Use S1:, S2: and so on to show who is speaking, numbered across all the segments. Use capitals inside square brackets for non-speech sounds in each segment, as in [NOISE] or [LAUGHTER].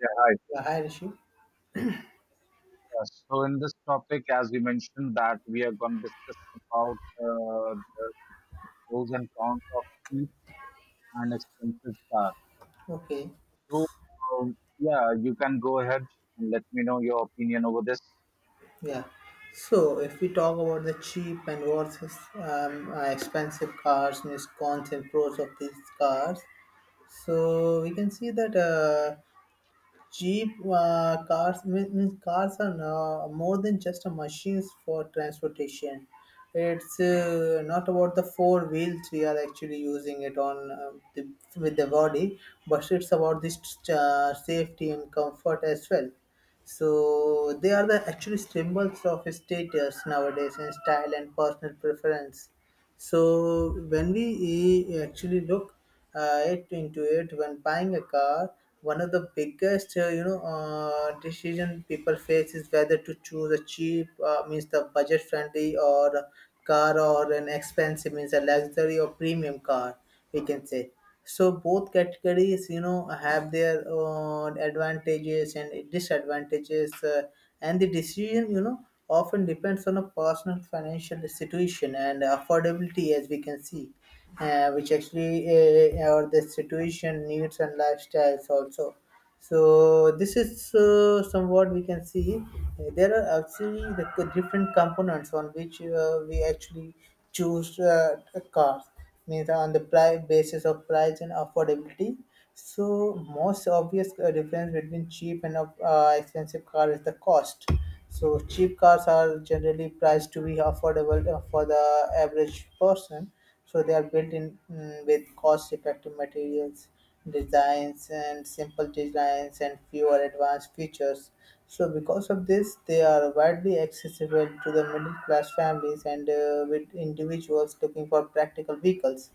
S1: Yeah, hi.
S2: Yeah, hi Rishi.
S1: So in this topic, as we mentioned, that we are going to discuss about the pros and cons of cheap and expensive cars.
S2: Okay,
S1: So yeah, you can go ahead and let me know your opinion over this.
S2: yeah. So if we talk about the cheap and versus expensive cars, miscons and pros of these cars, we can see that cheap cars means cars are now more than just a machines for transportation. It's not about the four wheels we are actually using it on, with the body, but it's about this safety and comfort as well. So they are the actually symbols of status nowadays in style and personal preference. So when we actually look it into it, when buying a car, one of the biggest decision people face is whether to choose a cheap, means the budget friendly, or car, or an expensive, means a luxury or premium car we can say. So both categories, have their own advantages and disadvantages, and the decision, often depends on a personal financial situation and affordability as we can see, which actually, or the situation needs and lifestyles also. So this is somewhat we can see, there are actually like, the different components on which we actually choose a car, means on the price basis of price and affordability. So most obvious difference between cheap and expensive car is the cost. So cheap cars are generally priced to be affordable for the average person. So they are built in with cost effective materials, designs and simple designs and fewer advanced features. So because of this, they are widely accessible to the middle class families and with individuals looking for practical vehicles.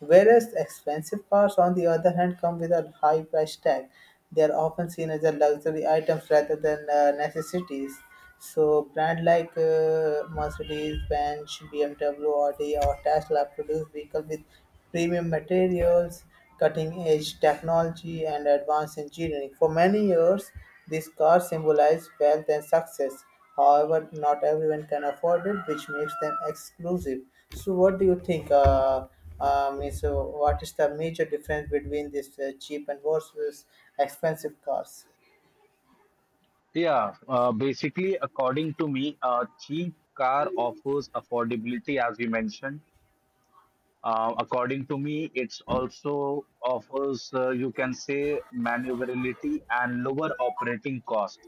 S2: Whereas expensive cars, on the other hand, come with a high price tag. They are often seen as a luxury items rather than necessities. So, brand like Mercedes, Benz, BMW, Audi, or Tesla produce vehicles with premium materials, cutting-edge technology, and advanced engineering. For many years, these cars symbolize wealth and success. However, not everyone can afford it, which makes them exclusive. So, what do you think? What is the major difference between this cheap and versus expensive cars?
S1: Yeah, basically, according to me, a cheap car offers affordability, as we mentioned. According to me, it's also offers, you can say, maneuverability and lower operating costs.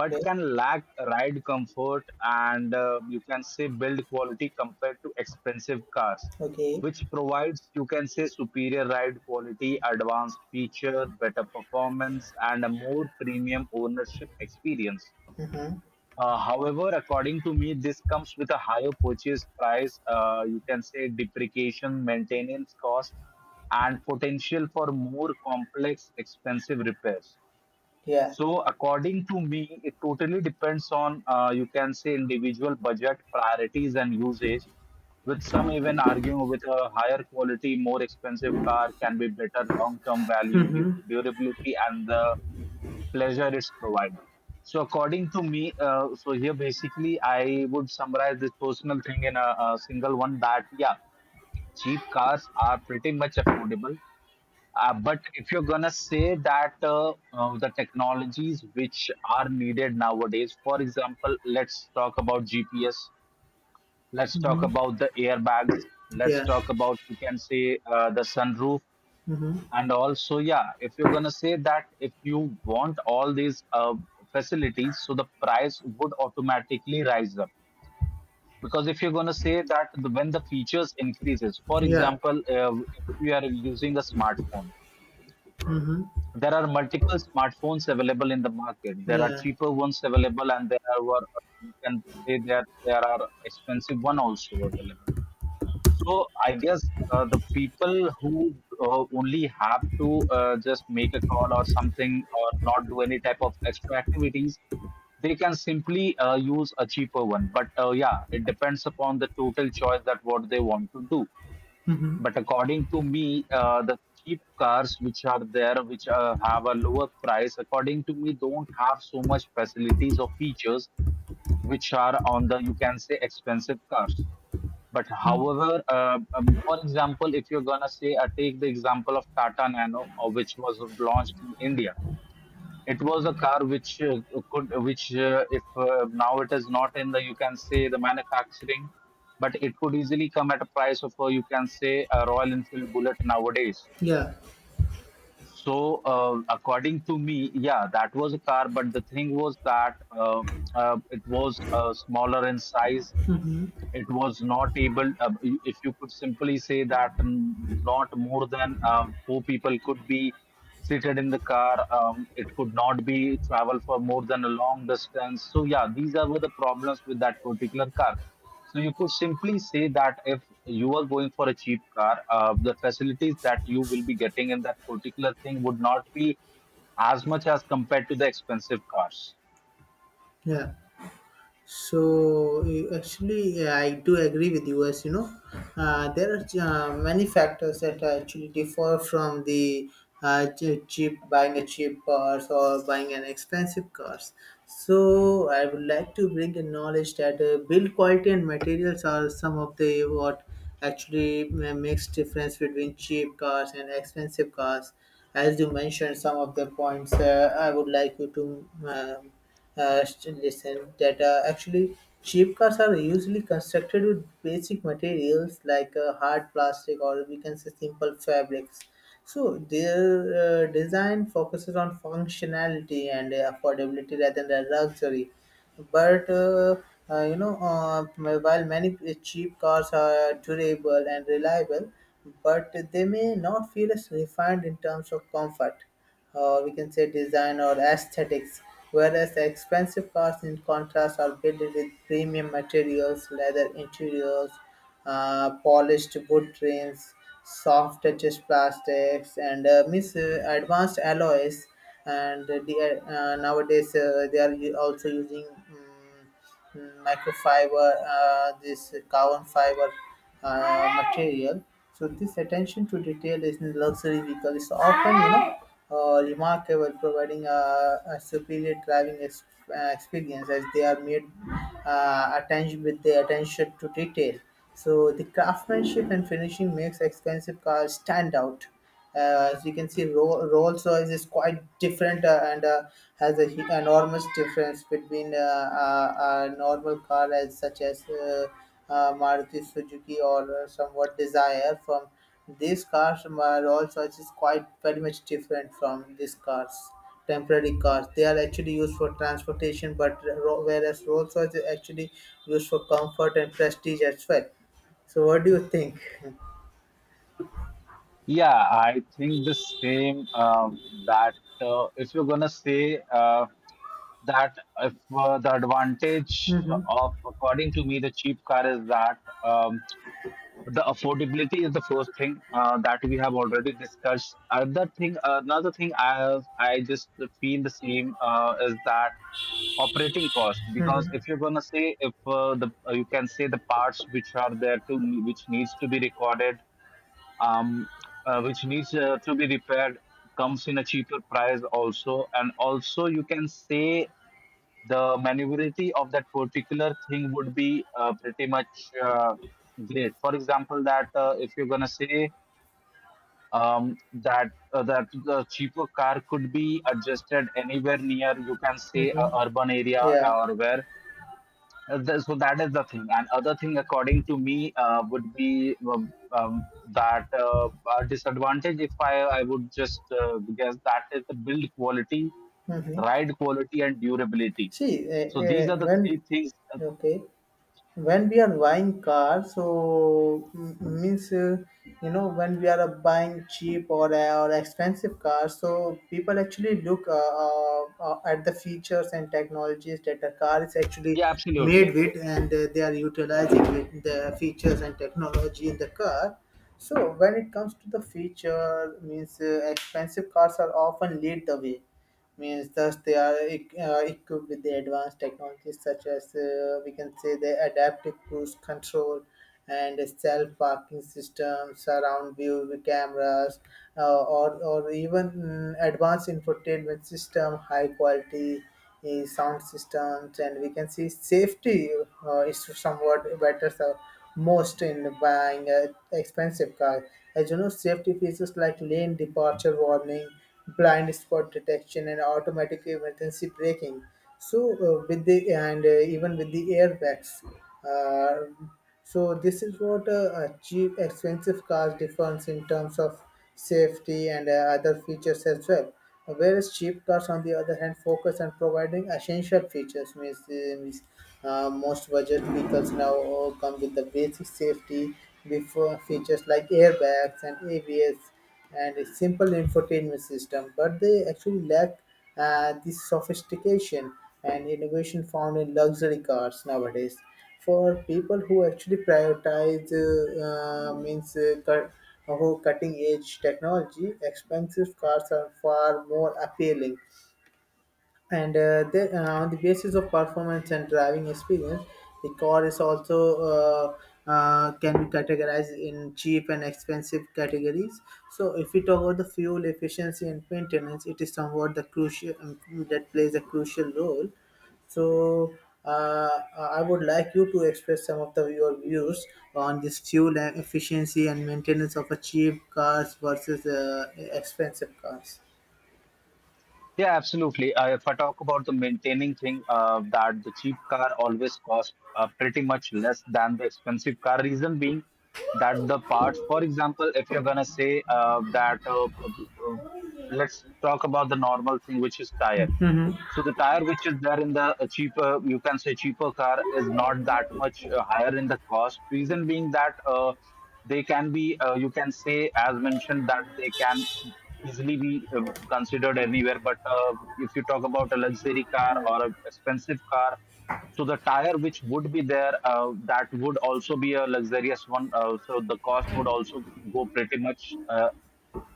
S1: But can lack ride comfort and you can say build quality compared to expensive cars,
S2: Okay.
S1: which provides you can say superior ride quality, advanced feature, better performance, and a more premium ownership experience.
S2: Mm-hmm.
S1: However, according to me, this comes with a higher purchase price, you can say depreciation, maintenance cost, and potential for more complex expensive repairs.
S2: Yeah.
S1: So according to me, it totally depends on you can say individual budget, priorities, and usage, with some even arguing with a higher quality, more expensive car can be better long-term value due to durability and the pleasure it's provided. So according to me, so here basically I would summarize this personal thing in a single one that yeah, cheap cars are pretty much affordable, but if you're gonna say that the technologies which are needed nowadays, for example, let's talk about GPS, let's talk
S2: Mm-hmm.
S1: about the airbags, let's
S2: Yeah.
S1: talk about you can say the sunroof,
S2: Mm-hmm.
S1: and also yeah, if you're gonna say that if you want all these facilities, so the price would automatically rise up. Because if you're going to say that when the features increases, for
S2: Yeah.
S1: example, if you are using a smartphone,
S2: Mm-hmm.
S1: there are multiple smartphones available in the market. There are
S2: Yeah.
S1: cheaper ones available, and there are what you can say that there are expensive one also available. So I guess the people who only have to just make a call or something or not do any type of extra activities, they can simply use a cheaper one. But yeah, it depends upon the total choice that what they want to do.
S2: Mm-hmm.
S1: But according to me, the cheap cars which are there, which have a lower price, according to me, don't have so much facilities or features which are on the, you can say, expensive cars. But
S2: Mm-hmm.
S1: however, for example, if you're gonna say, take the example of Tata Nano, which was launched in India. It was a car which could which if now it is not in the you can say the manufacturing, but it could easily come at a price of you can say a Royal Enfield Bullet nowadays.
S2: Yeah.
S1: So according to me, yeah, that was a car, but the thing was that it was smaller in size. It was not able if you could simply say that not more than four people could be seated in the car. It could not be travel for more than a long distance, so yeah, these are were the problems with that particular car. So you could simply say that if you are going for a cheap car, the facilities that you will be getting in that particular thing would not be as much as compared to the expensive cars.
S2: Yeah. So actually, I do agree with you. As you know, there are many factors that actually differ from the cheap, buying a cheap cars or buying an expensive cars. So I would like to bring the knowledge that build quality and materials are some of the what actually makes difference between cheap cars and expensive cars. As you mentioned, some of the points I would like you to listen that actually cheap cars are usually constructed with basic materials like hard plastic, or we can say simple fabrics. So their design focuses on functionality and affordability rather than luxury, but uh, you know, uh, while many cheap cars are durable and reliable, but they may not feel as refined in terms of comfort, we can say design or aesthetics. Whereas the expensive cars, in contrast, are built with premium materials, leather interiors, polished wood trims, soft touches plastics, and advanced alloys, and they are, nowadays they are also using microfiber, this carbon fiber material. So this attention to detail is in luxury vehicle is often, remarkable, providing a superior driving experience, as they are made attention with the attention to detail. So the craftsmanship and finishing makes expensive cars stand out. As you can see, Rolls Royce is quite different and has a enormous difference between a normal car, as such as Maruti Suzuki or somewhat Desire. From these cars, my Rolls Royce is quite very much different from these cars. Temporary cars. They are actually used for transportation, but whereas Rolls Royce is actually used for comfort and prestige as well. So, what do you think? [LAUGHS]
S1: Yeah, I think the same. That if you're gonna say that if the advantage of, according to me, the cheap car is that um, the affordability is the first thing that we have already discussed. Another thing I just feel the same is that operating cost, because if you're gonna say if the you can say the parts which are there to which needs to be recorded, um, which needs to be repaired, comes in a cheaper price also, and also you can say the maneuverability of that particular thing would be pretty much great. For example, that if you're going to say that that the cheaper car could be adjusted anywhere near you can say a urban area
S2: Yeah.
S1: or where so that is the thing. And other thing, according to me, would be that a disadvantage. If I would just guess, that is the build quality,
S2: Hmm.
S1: ride quality, and durability.
S2: See,
S1: So these are the three
S2: when
S1: things.
S2: okay, when we are buying cars, so mm, means you know when we are buying cheap or expensive cars, so people actually look at the features and technologies that the car is actually
S1: Yeah,
S2: made
S1: absolutely.
S2: with, and they are utilizing with the features and technology in the car. So when it comes to the feature, means expensive cars are often lead the way, means thus they are equipped with the advanced technologies such as we can say the adaptive cruise control and self parking systems, surround view cameras, or or even advanced infotainment system, high quality sound systems, and we can see safety is somewhat better, so most in buying an expensive car. As you know, safety features like lane departure warning, blind spot detection, and automatic emergency braking. So with the and even with the airbags. Uh, so this is what a cheap, expensive car differs in terms of safety and other features as well. Whereas cheap cars, on the other hand, focus on providing essential features. Means, means Most budget vehicles now all come with the basic safety before features like airbags and ABS and a simple infotainment system, but they actually lack the sophistication and innovation found in luxury cars nowadays. For people who actually prioritize means cut, who cutting edge technology, expensive cars are far more appealing, and on the basis of performance and driving experience, the car is also can be categorized in cheap and expensive categories. So if we talk about the fuel efficiency and maintenance, it is somewhat the crucial that plays a crucial role. So I would like you to express some of the your views on this fuel and efficiency and maintenance of a cheap cars versus expensive cars.
S1: Yeah, absolutely. If I talk about the maintaining thing, that the cheap car always costs pretty much less than the expensive car. Reason being that the parts, for example, if you're gonna say let's talk about the normal thing, which is tire. So the tire which is there in the you can say cheaper car is not that much higher in the cost. Reason being that they can be, you can say, as mentioned, that they can easily be considered anywhere. But if you talk about a luxury car or a expensive car, so the tire which would be there, that would also be a luxurious one. So the cost would also go pretty much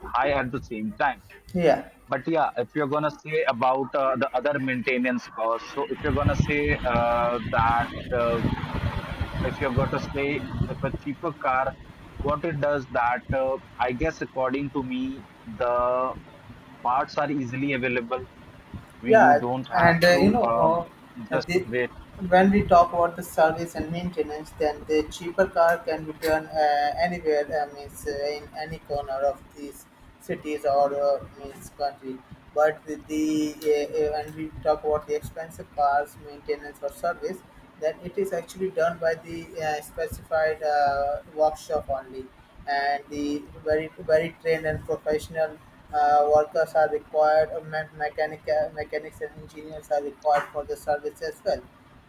S1: high at the same time.
S2: Yeah.
S1: But yeah, if you're gonna say about the other maintenance costs, so if you're gonna say that if you're going to say if a cheaper car, what it does that I guess according to me, the parts are easily available. We You
S2: Yeah,
S1: don't
S2: and
S1: have to
S2: uh, uh,
S1: just
S2: the,
S1: wait.
S2: when we talk about the service and maintenance, then the cheaper car can be done anywhere, means in any corner of these cities or means country. But the when we talk about the expensive cars maintenance or service, then it is actually done by the specified workshop only, and the very very trained and professional workers are required. Mechanic, mechanics and engineers are required for the service as well.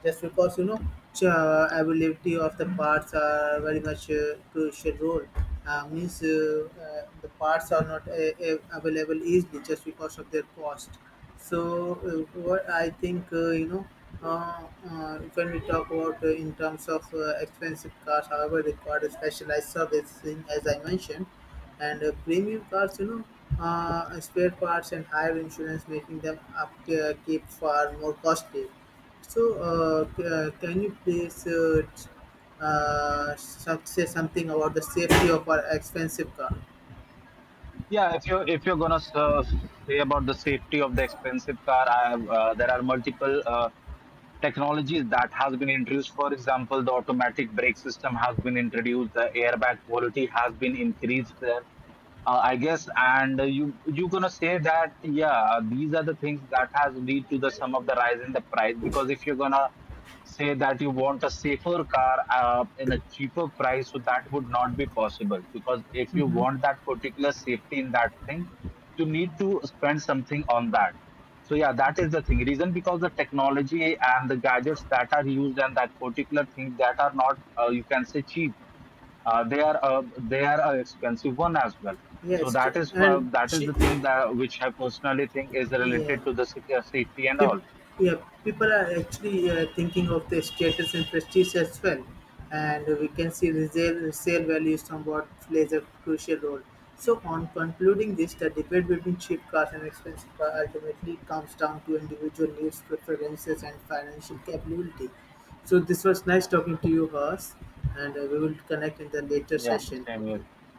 S2: Just because you know, availability of the parts are very much crucial role. Means The parts are not available easily just because of their cost. So, what I think, uh, when we talk about in terms of expensive cars, however, require a specialized servicing, as I mentioned, and premium cars, you know, spare parts and higher insurance, making them up keep far more costly. So, can you please say something about the safety of our expensive car?
S1: Yeah, if you're gonna say about the safety of the expensive car, I have, there are multiple. Technologies that has been introduced. For example, the automatic brake system has been introduced, the airbag quality has been increased there. I guess, and you gonna say that yeah, these are the things that has lead to the some of the rise in the price, because if you're gonna say that you want a safer car in a cheaper price, so that would not be possible, because if you want that particular safety in that thing, you need to spend something on that. So yeah, that is the thing. Reason because the technology and the gadgets that are used and that particular thing that are not you can say cheap, they are an expensive one as well. So
S2: Yes, t- and
S1: that is
S2: she,
S1: the thing that which I personally think is
S2: yeah.
S1: related to the safety and
S2: Peop
S1: all.
S2: Yeah, people are actually thinking of their status and prestige as well, and we can see resale, resale value somewhat plays a crucial role. So, on concluding this, the debate between cheap cars and expensive cars ultimately comes down to individual needs, preferences, and financial capability. So, this was nice talking to you, Haas, and we will connect in the later
S1: Yeah,
S2: session.
S1: same here.
S2: Okay.